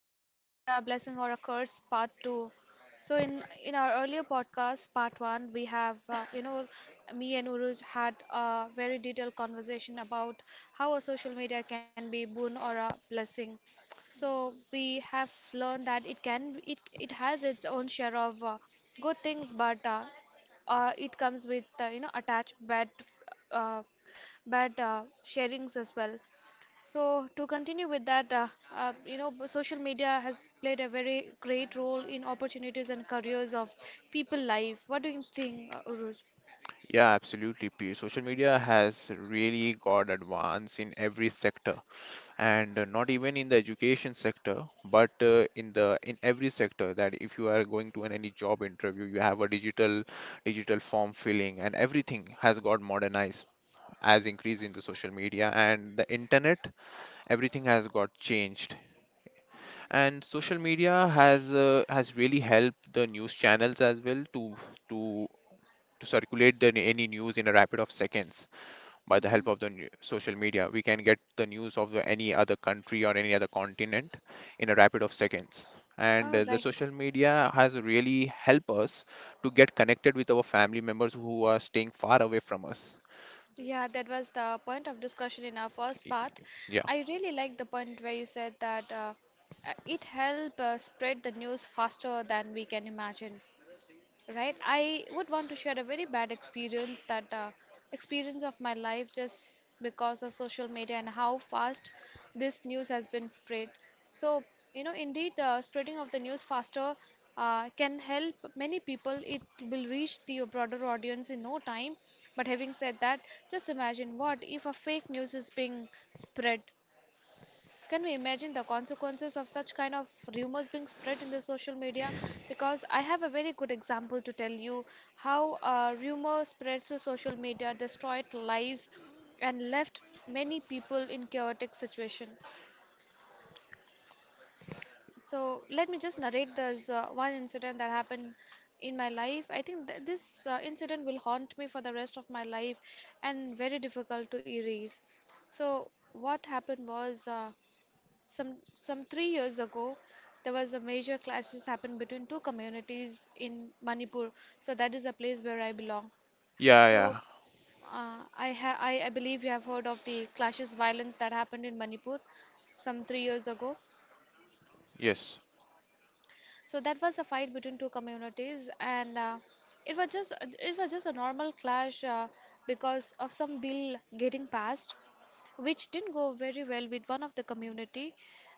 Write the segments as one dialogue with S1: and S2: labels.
S1: Social Media: A Blessing or a Curse, Part Two. So, in our earlier podcast, Part One, we have me and Uruj had a very detailed conversation about how a social media can be boon or a blessing. So we have learned that it can it it has its own share of good things, but it comes with attached uh, bad sharings as well. So to continue with that, social media has played a very great role in opportunities and careers of people life. What do you think, Uruj?
S2: Yeah, absolutely. P. Social media has really got advance in every sector, and not even in the education sector, but in the in every sector. That if you are going to an any job interview, you have a digital form filling, and everything has got modernized as increase in the social media and the internet. Everything has got changed, and social media has has really helped the news channels as well to to circulate the, any news in a rapid of seconds by the
S1: Mm-hmm.
S2: help of the new social media we can get the news of the any other country or any other continent in a rapid of seconds and
S1: All
S2: the
S1: right.
S2: social media has really helped us to get connected with our family members who are staying far away from us.
S1: Yeah, that was the point of discussion in our first
S2: Y-
S1: part.
S2: yeah
S1: I really like the point where you said that it help spread the news faster than we can imagine. Right, I would want to share a very bad experience of my life just because of social media and how fast this news has been spread. So, you know, indeed, spreading of the news faster can help many people. It will reach the broader audience in no time. But having said that, just imagine what if a fake news is being spread. Can we imagine the consequences of such kind of rumors being spread in the social media? Because I have a very good example to tell you how a rumor spread through social media destroyed lives and left many people in chaotic situation. So let me just narrate this one incident that happened in my life. I think this incident will haunt me for the rest of my life and very difficult to erase. So what happened was. Some 3 years ago, there was a major clashes happened between two communities in Manipur. So that is a place where I belong.
S2: yeah,
S1: So
S2: yeah,
S1: I, ha- I believe you have heard of the clashes violence that happened in Manipur some 3 years ago.
S2: yes,
S1: So that was a fight between two communities, and it was just it was just a normal clash because of some bill getting passed which didn't go very well with one of the community.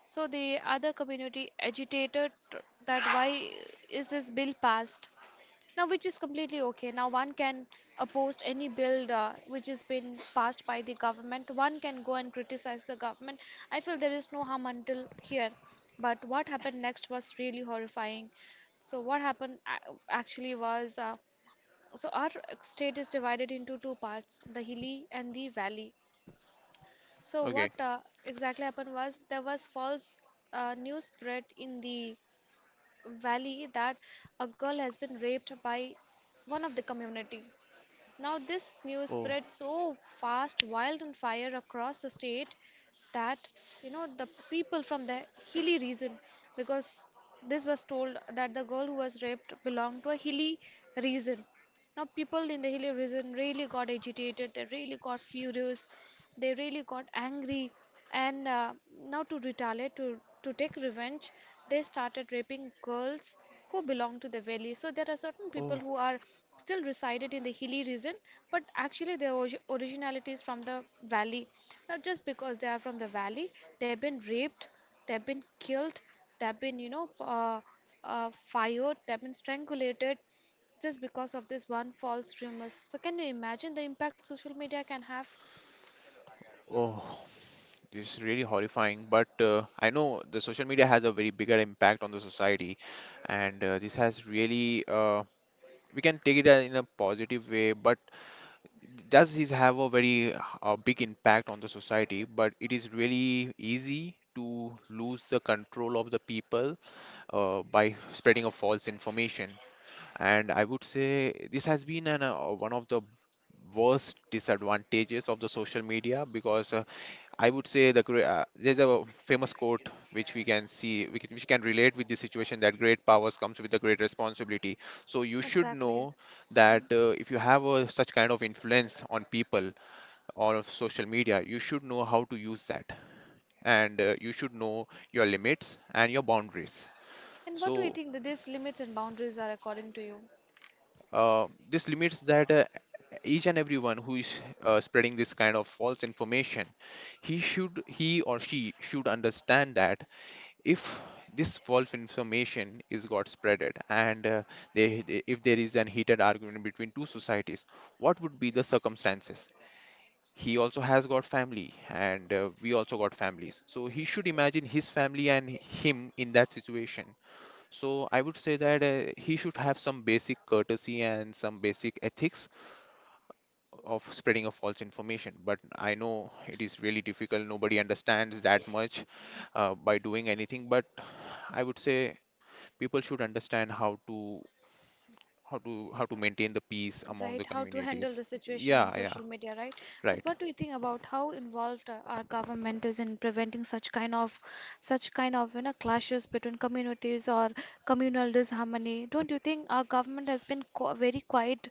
S1: So the other community agitated, that why is this bill passed? Now, which is completely okay. Now, one can oppose any bill which has been passed by the government. One can go and criticize the government. I feel there is no harm until here. But what happened next was really horrifying. So, what happened actually was so our state is divided into two parts, the hilly and the valley. So
S2: okay,
S1: what exactly happened was, there was false news spread in the valley that a girl has been raped by one of the community. Now this news
S2: oh,
S1: spread so fast, wild and fire across the state, that you know the people from the hilly region, because this was told that the girl who was raped belonged to a hilly region. Now, people in the hilly region really got agitated, they really got furious, they really got angry, and now to retaliate, to take revenge, they started raping girls who belong to the valley. So, there are certain people
S2: oh,
S1: who are still resided in the hilly region, but actually their originality is from the valley. Now, just because they are from the valley, they've been raped, they've been killed, they've been, you know, fired, they've been strangulated, just because of this one false rumors. So can you imagine the impact social media can have?
S2: oh, this is really horrifying, but I know the social media has a very bigger impact on the society, and this has really we can take it as in a positive way, but does his have a very big impact on the society, but it is really easy to lose the control of the people by spreading a false information. And I would say this has been an, one of the worst disadvantages of the social media, because I would say there's a famous quote which we can see, we can, which can relate with the situation that great powers comes with a great responsibility. So you should
S1: Exactly.
S2: know that if you have a, such kind of influence on people or of social media, you should know how to use that, and you should know your limits and your boundaries.
S1: And what do you
S2: So
S1: think that these limits and boundaries are according to you?
S2: this limits that each and everyone who is spreading this kind of false information, he should, he or she should understand that if this false information is got spreaded, and they- if there is an heated argument between two societies, what would be the circumstances. He also has got family, and we also got families, so he should imagine his family and him in that situation. So I would say that he should have some basic courtesy and some basic ethics of spreading of false information, but I know it is really difficult, nobody understands that much by doing anything. But I would say people should understand how to how to maintain the peace among the
S1: Right, how to handle
S2: communities.
S1: the situation in
S2: Yeah, yeah,
S1: social media, right. But
S2: right.
S1: what do you think about how involved our government is in preventing such kind of such kind of, you know, clashes between communities or communal disharmony? Don't you think our government has been very quiet,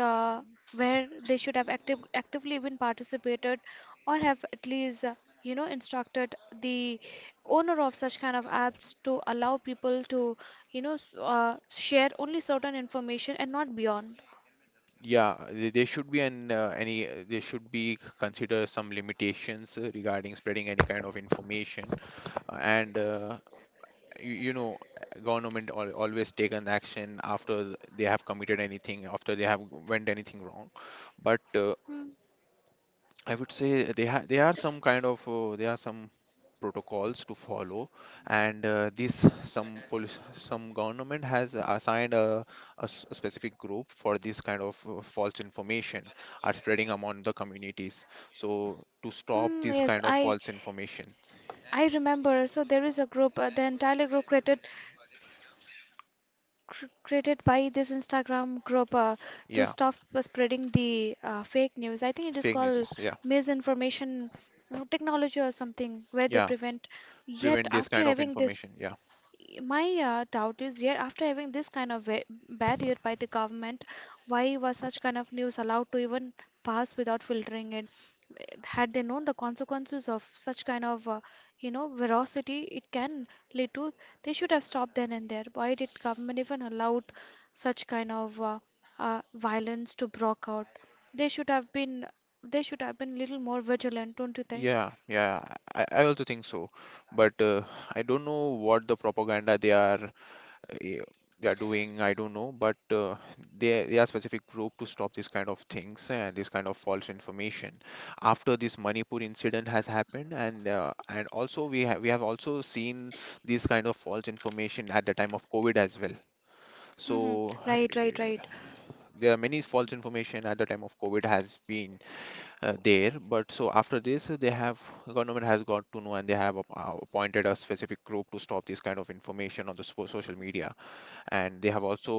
S1: uh, where they should have actively been participated, or have at least instructed the owner of such kind of apps to allow people to, you know, share only certain information and not beyond.
S2: Yeah, there should be an any there should be consider some limitations regarding spreading any kind of information, and you, you know government always take an action after they have committed anything, after they have went anything wrong. But
S1: Mm,
S2: I would say they ha they are some kind of there are some protocols to follow, and this some police some government has assigned a, a specific group for this kind of false information are spreading among the communities. So to stop this
S1: yes,
S2: kind of
S1: I
S2: false information,
S1: I remember. So there is a group, the entire group created, created by this Instagram group, to
S2: yeah,
S1: stop spreading the fake news. I think it is
S2: fake news
S1: called
S2: is, yeah,
S1: misinformation technology or something, where they
S2: yeah,
S1: prevent. Yet
S2: prevent this
S1: after
S2: kind of
S1: having this,
S2: information, yeah.
S1: my doubt is here, after having this kind of barrier by the government, why was such kind of news allowed to even pass without filtering it? Had they known the consequences of such kind of, veracity it can lead to, they should have stopped then and there. Why did government even allowed such kind of violence to broke out? They should have been, they should have been little more vigilant, don't you think?
S2: Yeah, yeah, I also think so. But I don't know what the propaganda they are eh, they are doing, I don't know, but they are specific group to stop this kind of things and this kind of false information after this Manipur incident has happened, and and also we have also seen this kind of false information at the time of COVID as well.
S1: Mm-hmm.
S2: So
S1: Right, right, right.
S2: there are many false information at the time of COVID has been there. But so after this they have, government has got to know, and they have appointed a specific group to stop this kind of information on the social media, and they have also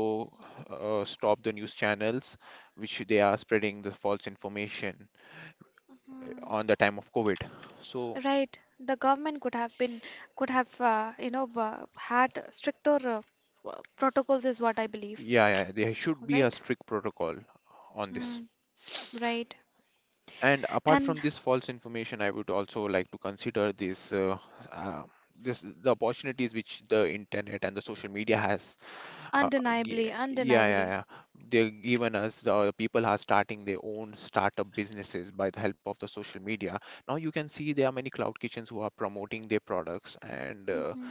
S2: stopped the news channels which they are spreading the false information on the time of COVID. So
S1: Right, the government could have been, could have, had stricter protocols is what I believe.
S2: yeah, yeah, there should be a
S1: Right?
S2: strict protocol on this.
S1: Mm, right.
S2: And apart from
S1: And
S2: this false information, I would also like to consider this uh, this the opportunities which the internet and the social media has.
S1: undeniably,
S2: Yeah, yeah,
S1: undeniably.
S2: yeah, yeah. They're given us, the people are starting their own startup businesses by the help of the social media. Now you can see there are many cloud kitchens who are promoting their products, and
S1: Mm-hmm.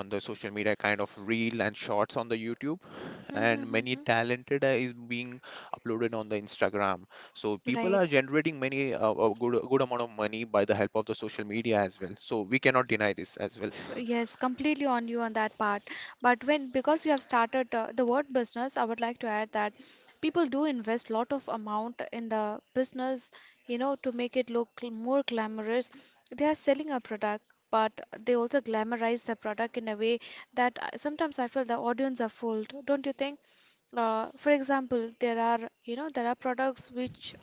S2: on the social media kind of reel and shorts on the YouTube, and
S1: Mm-hmm.
S2: many
S1: Mm-hmm.
S2: talented is being uploaded on the Instagram. So people are
S1: Right.
S2: generating many a good amount of money by the help of the social media as well. So we cannot deny this as well.
S1: Yes, completely on you on that part. But when, because we have started the word business, I would like to add that people do invest lot of amount in the business, you know, to make it look more glamorous. They are selling a product, but they also glamorize the product in a way that sometimes I feel the audience are fooled, don't you think? For example, there are, you know, there are products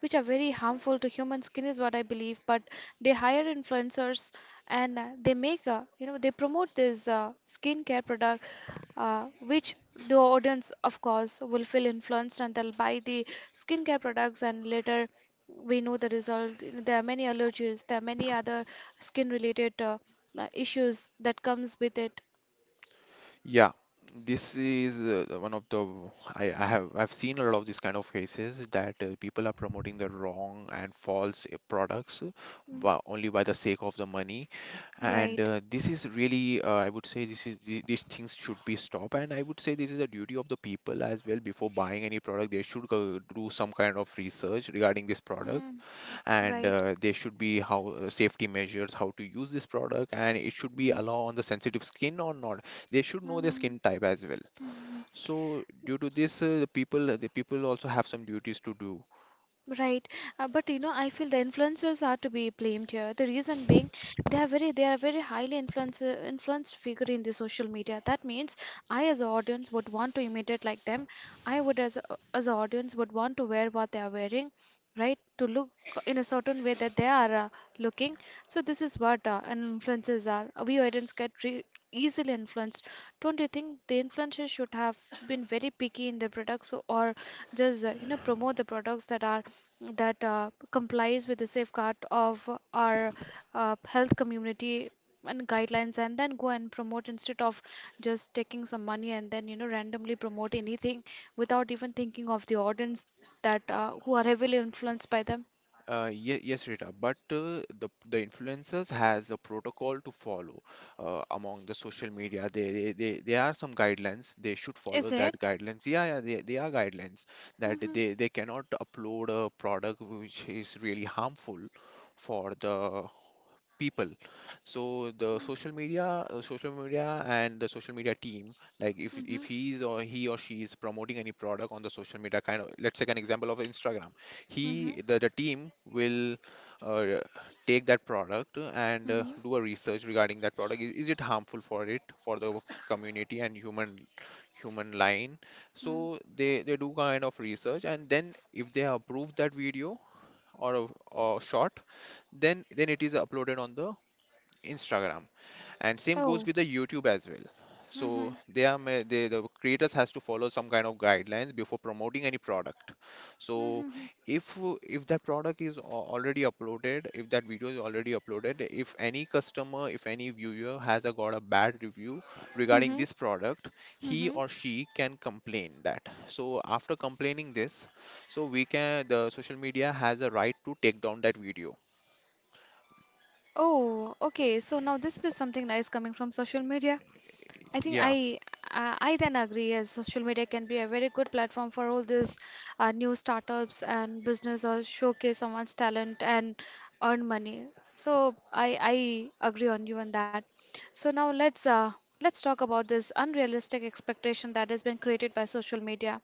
S1: which are very harmful to human skin is what I believe, but they hire influencers, and they make a, you know, they promote this skincare product, which the audience of course will feel influenced, and they'll buy the skincare products, and later we know the result. You know, there are many allergies, there are many other skin related issues that comes with it.
S2: Yeah, this is one of the I've seen a lot of these kind of cases that people are promoting the wrong and false products
S1: Mm,
S2: by, only by the sake of the money, and
S1: right.
S2: this is really I would say this is these things should be stopped. And I would say this is a duty of the people as well. Before buying any product, they should go do some kind of research regarding this product,
S1: Mm,
S2: and
S1: right.
S2: there should be how safety measures, how to use this product and it should be
S1: Mm,
S2: allow on the sensitive skin or not, they should know their
S1: mm,
S2: skin type as well.
S1: mm. Mm.
S2: So due to this the people, the people also have some duties to do.
S1: Right, but you know, I feel the influencers are to be blamed here. The reason being, they are very highly influenced figure in the social media. That means I, as an audience, would want to imitate like them. I would, as an audience, would want to wear what they are wearing, right, to look in a certain way that they are looking. So this is what an influences are, we audience get easily influenced. Don't you think the influencers should have been very picky in their products, or just, promote the products that are that complies with the safeguard of our health community and guidelines, and then go and promote, instead of just taking some money and then, you know, randomly promote anything without even thinking of the audience that
S2: Uh,
S1: who are heavily influenced by them.
S2: Ye Yes, Rita, but the influencers has a protocol to follow among the social media. They, they they are some guidelines. They should follow
S1: Is
S2: that
S1: it?
S2: guidelines. Yeah, yeah, they are guidelines that
S1: Mm-hmm.
S2: they cannot upload a product which is really harmful for the people. So the
S1: Mm-hmm.
S2: social media and the social media team, like
S1: Mm-hmm.
S2: if he's or he or she is promoting any product on the social media, kind of let's take an example of Instagram,
S1: Mm-hmm.
S2: he the team will uh, take that product and
S1: Mm-hmm.
S2: do a research regarding that product, is it harmful for it for the community and human human line. So they do kind of research, and then if they approve that video or a, or short, then it is uploaded on the Instagram, and same
S1: Oh.
S2: goes with the YouTube as well.
S1: Mm-hmm.
S2: So they are they the creators has to follow some kind of guidelines before promoting any product. So
S1: Mm-hmm.
S2: if that product is already uploaded, if that video is already uploaded, if any customer, if any viewer has a, got a bad review regarding
S1: Mm-hmm.
S2: this product, he
S1: Mm-hmm.
S2: or she can complain that. So after complaining this, so we can, the social media has a right to take down that video.
S1: Oh, okay. So now this is something nice coming from social media. I think
S2: Yeah.
S1: I then agree, as social media can be a very good platform for all these new startups and business, or showcase someone's talent and earn money. So I agree on you on that. So now let's talk about this unrealistic expectation that has been created by social media.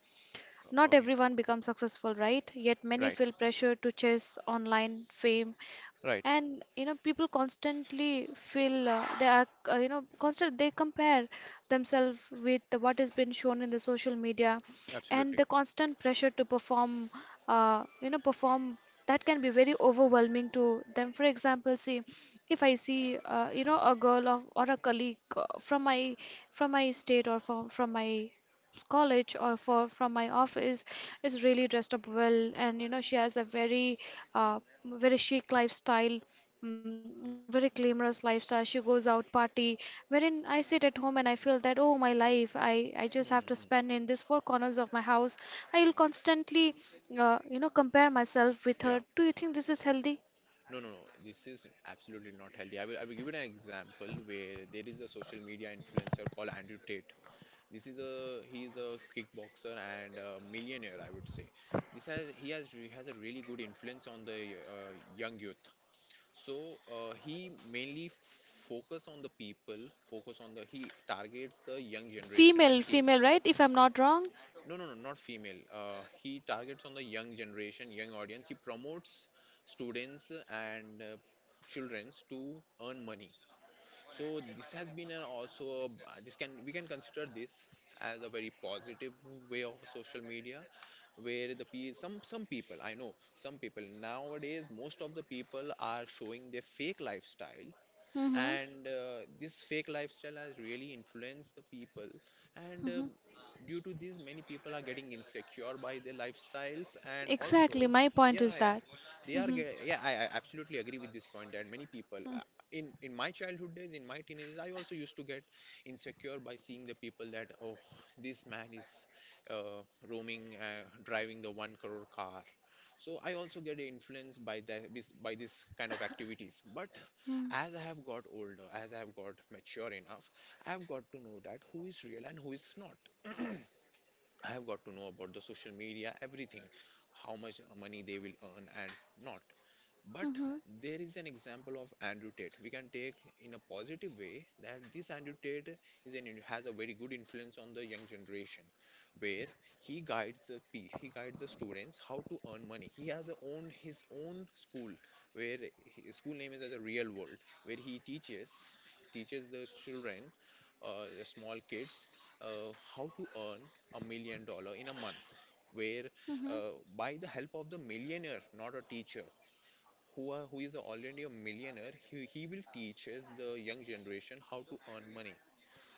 S1: Not
S2: Okay.
S1: everyone becomes successful, right? Yet many
S2: Right.
S1: feel pressure to chase online fame,
S2: Right.
S1: and you know, people constantly feel, they are, you know constant they compare themselves with what has been shown in the social media, and
S2: Absolutely.
S1: the constant pressure to perform, perform, that can be very overwhelming to them. For example, see, if I see, a girl of or a colleague, from my state, or from my college, or for from my office, is really dressed up well, and you know, she has a very uh, very chic lifestyle, mm, very glamorous lifestyle, she goes out party, wherein I sit at home and I feel that, oh, my life, I just have to spend
S2: Hmm.
S1: in these four corners of my house. I will constantly, compare myself with
S2: Yeah.
S1: her. Do you think this is healthy?
S2: No, no, no. This is absolutely not healthy. I will give it an example where there is a social media influencer called Andrew Tate. This is a he is a kickboxer and a millionaire, I would say. This has he has a really good influence on the young youth. So he mainly focus on the people, focus on the he targets the young generation and
S1: Female,
S2: teen.
S1: female, right? If I'm not wrong.
S2: No, no, no, not female. He targets on the young generation, young audience. He promotes students and childrens to earn money. So this has been an also a, this can we can consider this as a very positive way of social media, where some some people, I know some people nowadays, most of the people are showing their fake lifestyle,
S1: Mm-hmm.
S2: and this fake lifestyle has really influenced the people, and
S1: Mm-hmm.
S2: due to this many people are getting insecure by their lifestyles, and also
S1: Exactly, my point
S2: yeah,
S1: is
S2: yeah,
S1: that.
S2: they are
S1: Mm-hmm.
S2: get, yeah, I absolutely agree with this point, that many people in my childhood days, in my teenage days, I also used to get insecure by seeing the people that oh, this man is uh, roaming, driving the one crore car, so I also get influenced by the by this kind of activities. But
S1: Mm-hmm.
S2: as I have got older, as I have got mature enough, I have got to know that who is real and who is not. I have got to know about the social media, everything, how much money they will earn and not. But
S1: Mm-hmm.
S2: there is an example of Andrew Tate. We can take in a positive way that this Andrew Tate is an, has a very good influence on the young generation, where he guides the students how to earn money. He has a own his own school where his school name is as a real world, where he teaches the children, the small kids, how to earn $1 million in a month. Where
S1: Hmm.
S2: by the help of the millionaire, not a teacher, who is already a millionaire he will teach teaches the young generation how to earn money.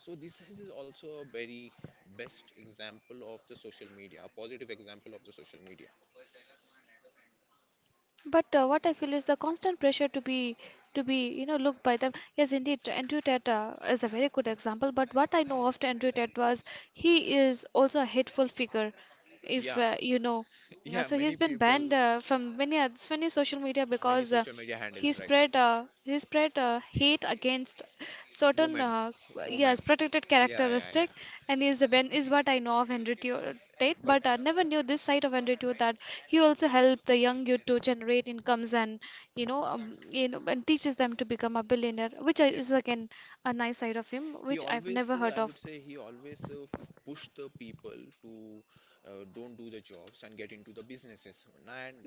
S2: So this is also a very best example of the social media, a positive example of the social media.
S1: But what I feel is the constant pressure to be, you know, looked by them. Yes, indeed, Andrew Tate is a very good example. But what I know of Andrew Tate was he is also a hateful figure, if
S2: Yeah
S1: you know. Uh,
S2: Yeah,
S1: So he's
S2: many
S1: been
S2: people.
S1: banned from many social media
S2: Many
S1: because
S2: social media
S1: he
S2: handles, right.
S1: spread hate against certain
S2: Women.
S1: yes,
S2: Women.
S1: protected
S2: Yeah, yeah, yeah.
S1: characteristic, and is the ben is what I know of Tate.
S2: But
S1: But I never knew this side of Henry Tate that he also helped the young youth to generate incomes and teaches them to become a billionaire, which
S2: yeah,
S1: is again a nice side of him
S2: he
S1: which I've
S2: always
S1: never heard
S2: I would
S1: of.
S2: say he always push the people to don't do the jobs and get into the businesses. And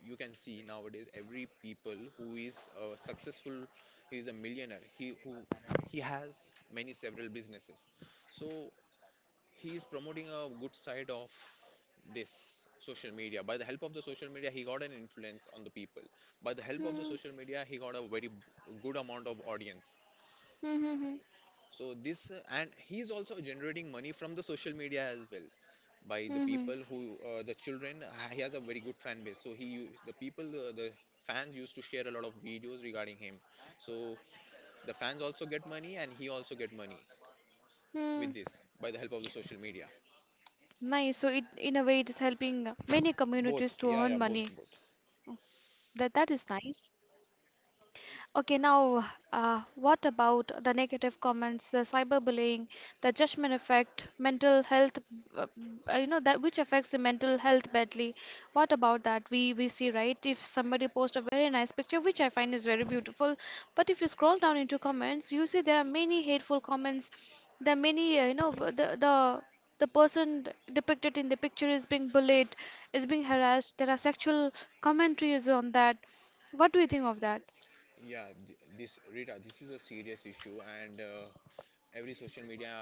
S2: you can see nowadays every people who is successful, he is a millionaire, he who he has many several businesses. So he is promoting a good side of this social media. By the help of the social media he got an influence on the people. By the help of the
S1: Hmm.
S2: social media he got a very good amount of audience.
S1: Hmm.
S2: So this and he's also generating money from the social media as well, by the
S1: Hmm.
S2: people who the children. He has a very good fan base. So the people, the fans used to share a lot of videos regarding him. So the fans also get money and he also get money
S1: Hmm.
S2: with this, by the help of the social media.
S1: Nice. So it in a way it is helping many
S2: Both,
S1: communities to
S2: yeah,
S1: earn
S2: yeah, both,
S1: money.
S2: both.
S1: That is nice. Okay, now what about the negative comments, the cyberbullying, the judgment effect, mental health? Uh, you know, that which affects the mental health badly. What about that? We see, right, if somebody posts a very nice picture, which I find is very beautiful, but if you scroll down into comments, you see there are many hateful comments. There are many you know, the person depicted in the picture is being bullied, is being harassed. There are sexual commentaries on that. What do you think of that?
S2: Yeah, this Rita, this is a serious issue, and every social media,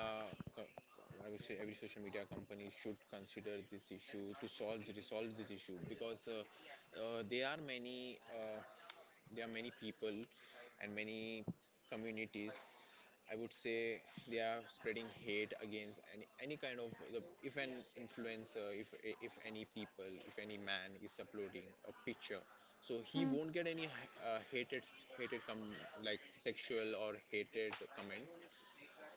S2: I would say every social media company should consider this issue to solve to resolve this issue, because uh, there are many uh, there are many people and many communities, I would say, they are spreading hate against any kind of the, if an influencer, if any people, if any man is uploading a picture, so he
S1: Hmm.
S2: won't get any hated like sexual or hated comments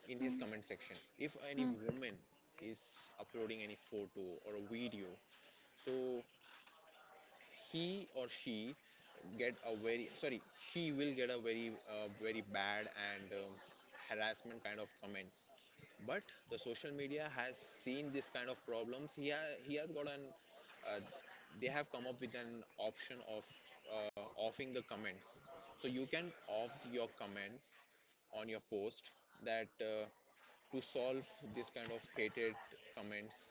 S2: in his
S1: Mm,
S2: comment section. If any
S1: mm.
S2: woman is uploading any photo or a video, so he or she get a very sorry, she will get a very very bad and harassment kind of comments. But the social media has seen this kind of problems, he has got an uh, they have come up with an option of offing the comments. So you can off your comments on your post, that to solve this kind of hated comments.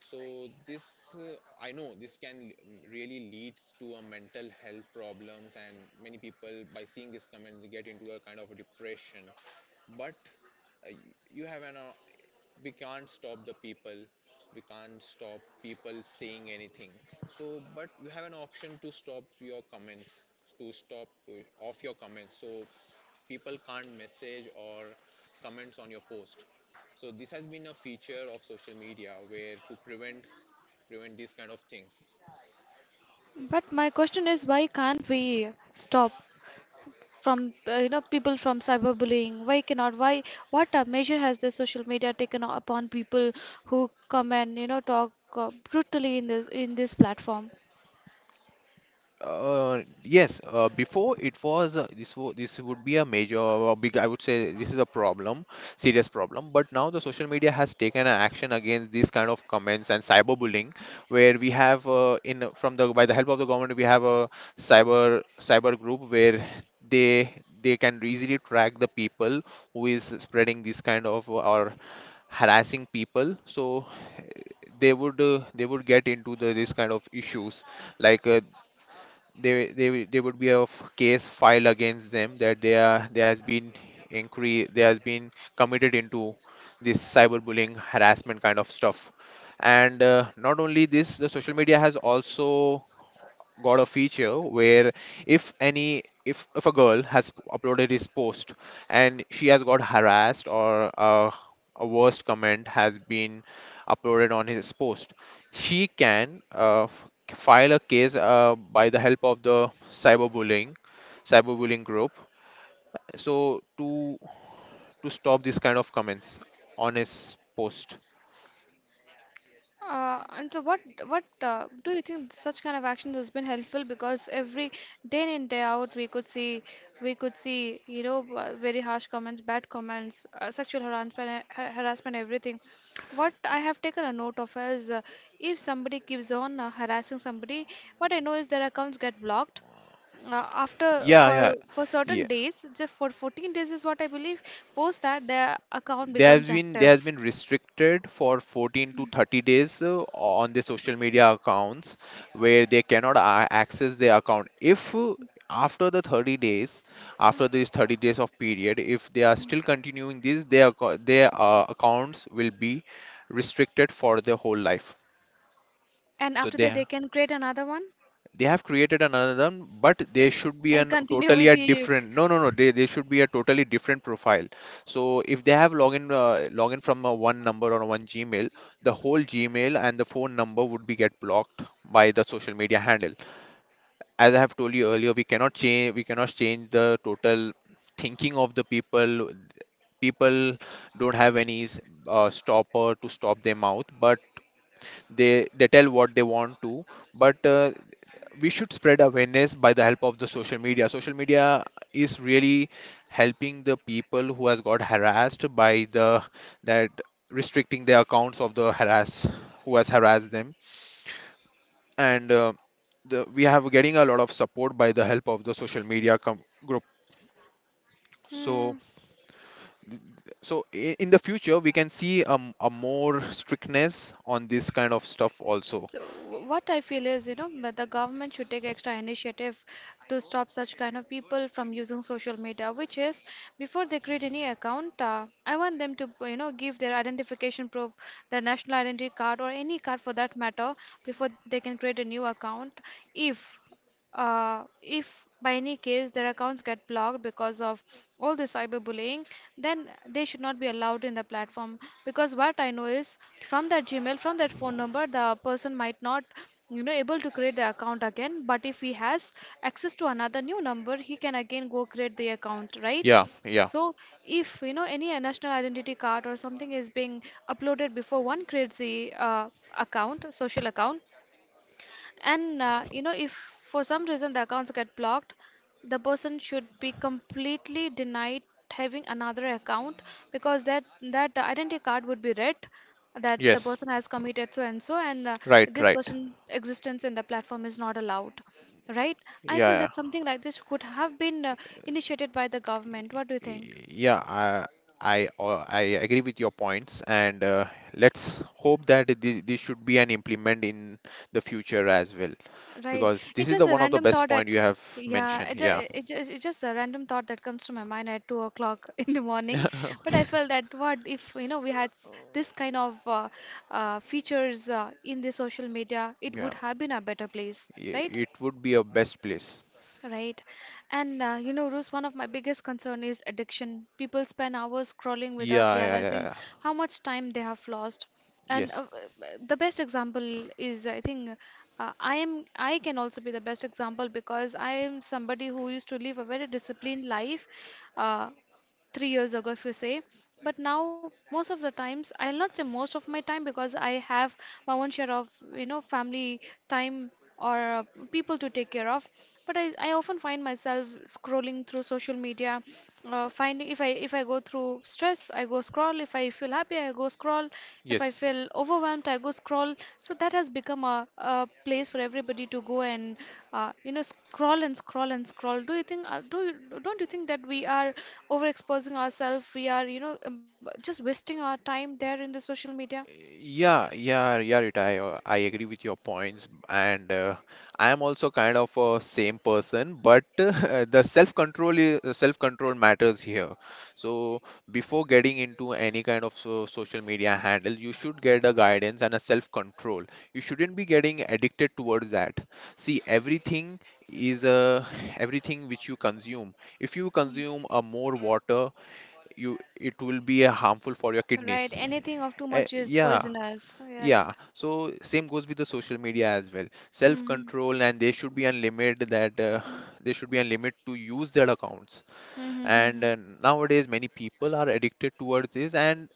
S2: So this I know this can really leads to a mental health problems, and many people by seeing this comment they get into a kind of a depression. But uh, you have an we can't stop the people, we can't stop people saying anything. So but you have an option to stop your comments, to stop off your comments, so people can't message or comments on your post. So this has been a feature of social media, where to prevent these kind of things.
S1: But my question is, why can't we stop from, you know, people from cyberbullying? Why cannot? Why? What measure has the social media taken upon people who come and, you know, talk brutally in this platform?
S2: Yes, before it was this wo this would be a major or big, I would say this is a problem, serious problem. But now the social media has taken an action against these kind of comments and cyberbullying, where we have in from the by the help of the government we have a cyber group, where they can easily track the people who is spreading this kind of or harassing people. So they would get into the this kind of issues, like they there would be a case filed against them, that they are there has been inquiry, there has been committed into this cyberbullying harassment kind of stuff. And not only this, the social media has also got a feature where if any if a girl has uploaded his post and she has got harassed, or a worst comment has been uploaded on his post, she can file a case by the help of the cyberbullying, cyberbullying group, so to stop this kind of comments on his post.
S1: And so what do you think such kind of actions has been helpful, because every day in and day out we could see, you know, very harsh comments, bad comments, sexual harassment, harassment, everything. What I have taken a note of is, if somebody keeps on harassing somebody, what I know is their accounts get blocked uh, after,
S2: Yeah,
S1: for certain
S2: yeah.
S1: days, just for 14 days is what I believe. Post that, their account
S2: They
S1: becomes
S2: have been, they
S1: active.
S2: has been restricted for 14 to 30 days on their social media accounts, where they cannot access their account. If after the 30 days,
S1: Mm.
S2: after this 30 days of period, if they are still continuing this, their accounts will be restricted for their whole life.
S1: And
S2: So
S1: after that they can create another one
S2: they have created another one, but they should be
S1: and
S2: an
S1: continue
S2: totally
S1: with
S2: a
S1: the
S2: different, no no no, they, they should be a totally different profile. So if they have login login from one number or one Gmail, the whole Gmail and the phone number would be get blocked by the social media handle. As I have told you earlier, we cannot change, we cannot change the total thinking of the people. People don't have any stopper to stop their mouth, but they tell what they want to. But we should spread awareness by the help of the social media. Social media is really helping the people who has got harassed by the that, restricting their accounts of the harass who has harassed them. And the, we have getting a lot of support by the help of the social media group.
S1: hmm.
S2: So th- so in the future we can see a more strictness on this kind of stuff also.
S1: So what I feel is, you know, that the government should take extra initiative to stop such kind of people from using social media, which is, before they create any account, I want them to, you know, give their identification proof, their national identity card or any card for that matter, before they can create a new account. If if by any case their accounts get blocked because of all the cyberbullying, then they should not be allowed in the platform. Because what I know is, from that Gmail, from that phone number, the person might not, you know, able to create the account again, but if he has access to another new number, he can again go create the account, right?
S2: Yeah. Yeah.
S1: So if, you know, any national identity card or something is being uploaded before one creates the account, social account, and you know, if for some reason the accounts get blocked, the person should be completely denied having another account, because that identity card would be read that the
S2: Yes.
S1: person has committed so and so, and
S2: Right,
S1: this
S2: right.
S1: person's existence in the platform is not allowed. Right?
S2: Yeah,
S1: I feel
S2: yeah.
S1: that something like this could have been initiated by the government. What do you think?
S2: Yeah, I agree with your points, and let's hope that this should be an implement in the future as well,
S1: Right.
S2: because this
S1: It's
S2: is
S1: just
S2: the
S1: a
S2: one of the
S1: random
S2: best
S1: thought
S2: point
S1: that,
S2: you have
S1: yeah,
S2: mentioned. Yeah,
S1: it's just a random thought that comes to my mind at 2 o'clock in the morning.
S2: Yeah.
S1: But
S2: Okay.
S1: I felt that, what if, you know, we had this kind of features in the social media, it would
S2: Yeah,
S1: have been a better place, right?
S2: it would be a best place.
S1: Right. And you know, Rose, one of my biggest concern is addiction. People spend hours scrolling without
S2: Yeah, yeah, yeah,
S1: realizing
S2: yeah.
S1: how much time they have lost. And
S2: Yes,
S1: the best example is, I think, I am, I can also be the best example, because I am somebody who used to live a very disciplined life. Uh, 3 years ago if you say, but now most of the times, I'll not say most of my time, because I have my own share of, you know, family time, or people to take care of, but I often find myself scrolling through social media, finding, if I go through stress I go scroll, if I feel happy I go scroll, if I
S2: yes.
S1: feel overwhelmed I go scroll. So that has become a place for everybody to go and, you know, scroll and scroll and scroll. Do you think, do you, don't you think that we are overexposing ourselves, we are, you know, just wasting our time there in the social media?
S2: Yeah, yeah, yeah, Rita, I agree with your points, and I am also kind of a same person, but the self-control matters here. So before getting into any kind of social media handle, you should get a guidance and a self-control. You shouldn't be getting addicted towards that. See, is uh, everything which you consume. If you
S1: Mm,
S2: consume a more water, you it will be harmful for your
S1: right,
S2: kidneys.
S1: anything of too
S2: Uh,
S1: much is
S2: yeah
S1: poisonous, right?
S2: yeah, so same goes with the social media as well. Self
S1: Mm-hmm.
S2: control, and there should be a limit that there should be a limit to use their accounts.
S1: Mm-hmm.
S2: And
S1: Mm-hmm.
S2: nowadays, many people are addicted towards this, and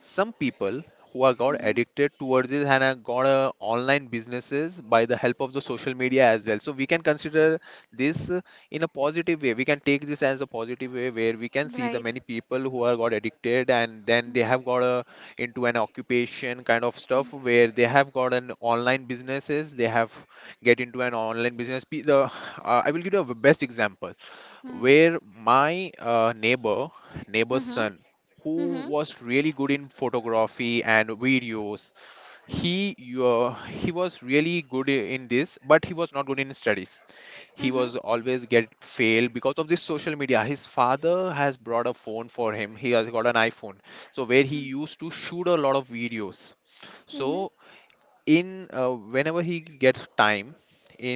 S2: some people who are got
S1: Mhm.
S2: addicted towards this and have got online businesses by the help of the social media as well. So we can consider this in a positive way. We can take this as a positive way, where we can see the
S1: Right.
S2: many people who are got addicted, and then
S1: Mm,
S2: they have got a, into an occupation kind of stuff where they have got an online businesses. They have get into an online business. The I will give you a best example
S1: mm,
S2: where my neighbor's
S1: mm,
S2: son who
S1: mhm,
S2: was really good in photography and videos. He he was really good in this, but he was not good in studies. He
S1: mhm,
S2: was always get failed because of this social media. His father has brought a phone for him, he has got an iPhone, so where he
S1: mm,
S2: used to shoot a lot of videos.
S1: mhm,
S2: So in whenever he gets time,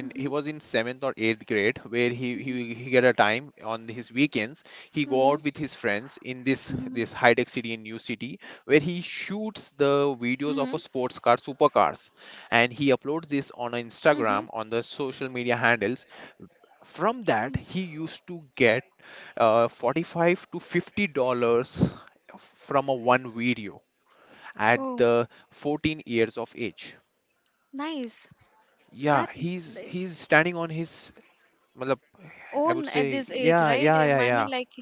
S1: mm,
S2: he
S1: mhm,
S2: was in seventh or eighth grade, where
S1: mhm,
S2: he get a time on his weekends. He go
S1: mhm,
S2: out with his friends in this
S1: mhm,
S2: this high tech city in new city, where
S1: mhm,
S2: he
S1: mhm,
S2: shoots the videos of a sports car, supercars, and he uploads this
S1: mhm,
S2: on Instagram, on the social media handles.
S1: mm.
S2: From that he used to get 45 to $50 from a one video, at
S1: Oh,
S2: the 14 years of age.
S1: nice.
S2: Yeah,
S1: That
S2: he's
S1: they
S2: standing on his, matlab, I would
S1: own at
S2: say,
S1: this age,
S2: yeah,
S1: right?
S2: yeah, yeah,
S1: I mean,
S2: yeah.
S1: like,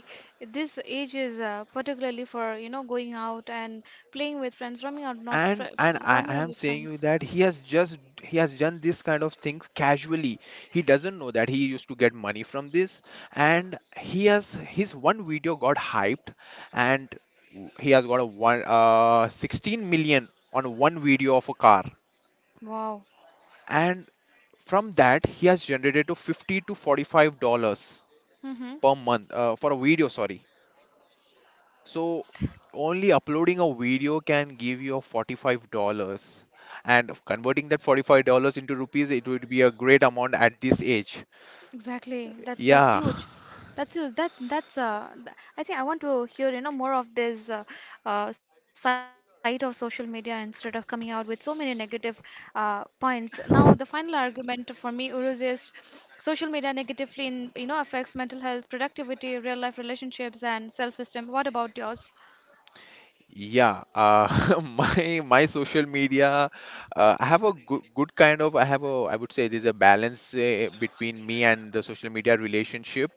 S1: this age is particularly for, you know, going out and playing with friends, roaming out, not fr
S2: And I
S1: roaming out
S2: am
S1: with
S2: saying you
S1: friends.
S2: that he has just he has done this kind of things casually. He doesn't know that he used to get money from this, and he has his one video got hyped, and he has got a one 16 million on one video of a car,
S1: Wow.
S2: and from that he has generated to 50 to $45
S1: Mm-hmm.
S2: per month for a video. Sorry. So only uploading a video can give you a $45, and converting that $45 into rupees, it would be a great amount at this age.
S1: Exactly. That's
S2: Yeah.
S1: huge. That's huge. I think I want to hear, you know, more of this side of social media instead of coming out with so many negative points. Now the final argument for me, Uruz, is social media negatively you know, affects mental health, productivity, real life relationships, and self-esteem. What about yours?
S2: Yeah, my social media, I have a good kind of, I have a, I would say there's a balance between me and the social media relationship,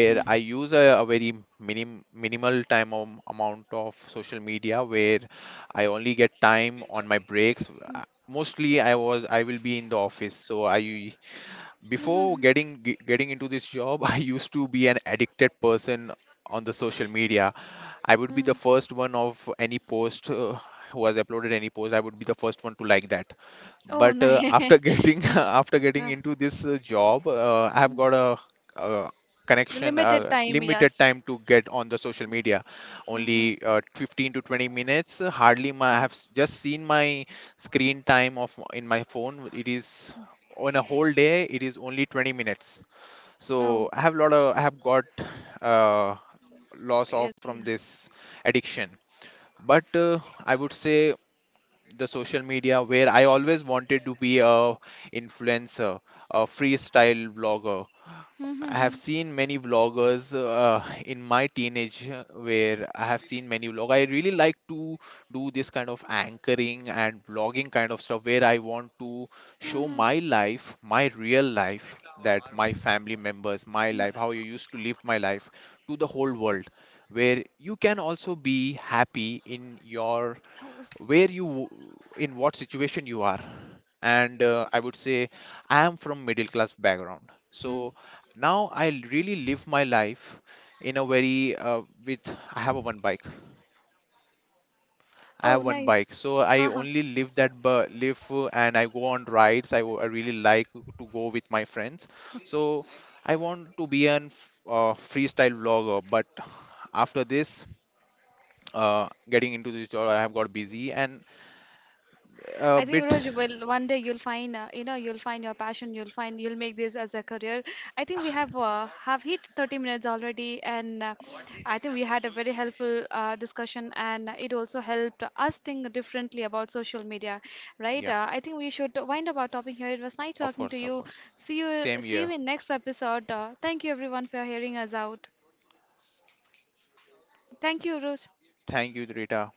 S1: Mm,
S2: I use a very minimal time amount of social media, where I only get
S1: mm,
S2: time on my breaks. Mostly I will be in the office, so I
S1: mhm,
S2: before getting getting into this job, I used to be an addicted person on the social media. I would be
S1: mm.
S2: the first one of any post, who has uploaded any post, I would be the first one to like that.
S1: Oh,
S2: But
S1: nice.
S2: after getting
S1: Yeah.
S2: after getting
S1: Uh,
S2: into this job, I have
S1: mm.
S2: got a, uh connection,
S1: Limited time,
S2: limited
S1: yes.
S2: time to get on the social media,
S1: Hmm.
S2: only 15 to 20 minutes. Hardly my I have just seen my screen time of in my phone. It is on a whole day, it is only 20 minutes. So
S1: Oh.
S2: I have lot of, I have got, Uh, loss of
S1: Yes. l-
S2: from this addiction. But I would say the social media, where I always wanted to be a influencer, a freestyle vlogger.
S1: Hmm, hmm,
S2: I have
S1: hmm,
S2: seen many vloggers in my teenage, where I have seen many vlog. I really like to do this kind of anchoring and vlogging kind of stuff, where I want to
S1: hmm,
S2: show
S1: hmm.
S2: my life, my real life, that my family members, my life, how you used to live
S1: Pulao,
S2: my life to the whole world, where you can
S1: pulao,
S2: also be happy in your,
S1: pulao, pulao.
S2: where you in what situation you are. And I would say I am from middle class background.
S1: Hmm.
S2: So now I really live my life in a very with, I have a one bike, I have
S1: Oh,
S2: one
S1: nice.
S2: bike, so I
S1: Haha.
S2: only live that bu- live and I go on rides. I really like to go with my friends. So I want to be an freestyle vlogger, but after this getting into this job I have got busy and
S1: I
S2: a
S1: think
S2: bit.
S1: Roj, will, one day you'll find, you know, you'll find your passion, you'll find, you'll make this as a career. I think we have hit 30 minutes already, and I think we had a very helpful discussion, and it also helped us think differently about social media, right?
S2: Yeah.
S1: I think we should wind up our topic here. It was nice
S2: Of
S1: talking to
S2: course, of
S1: you.
S2: course. Same
S1: See you
S2: year.
S1: in next episode. Thank you everyone for hearing us out. Thank you, Rose.
S2: Thank you, Rita.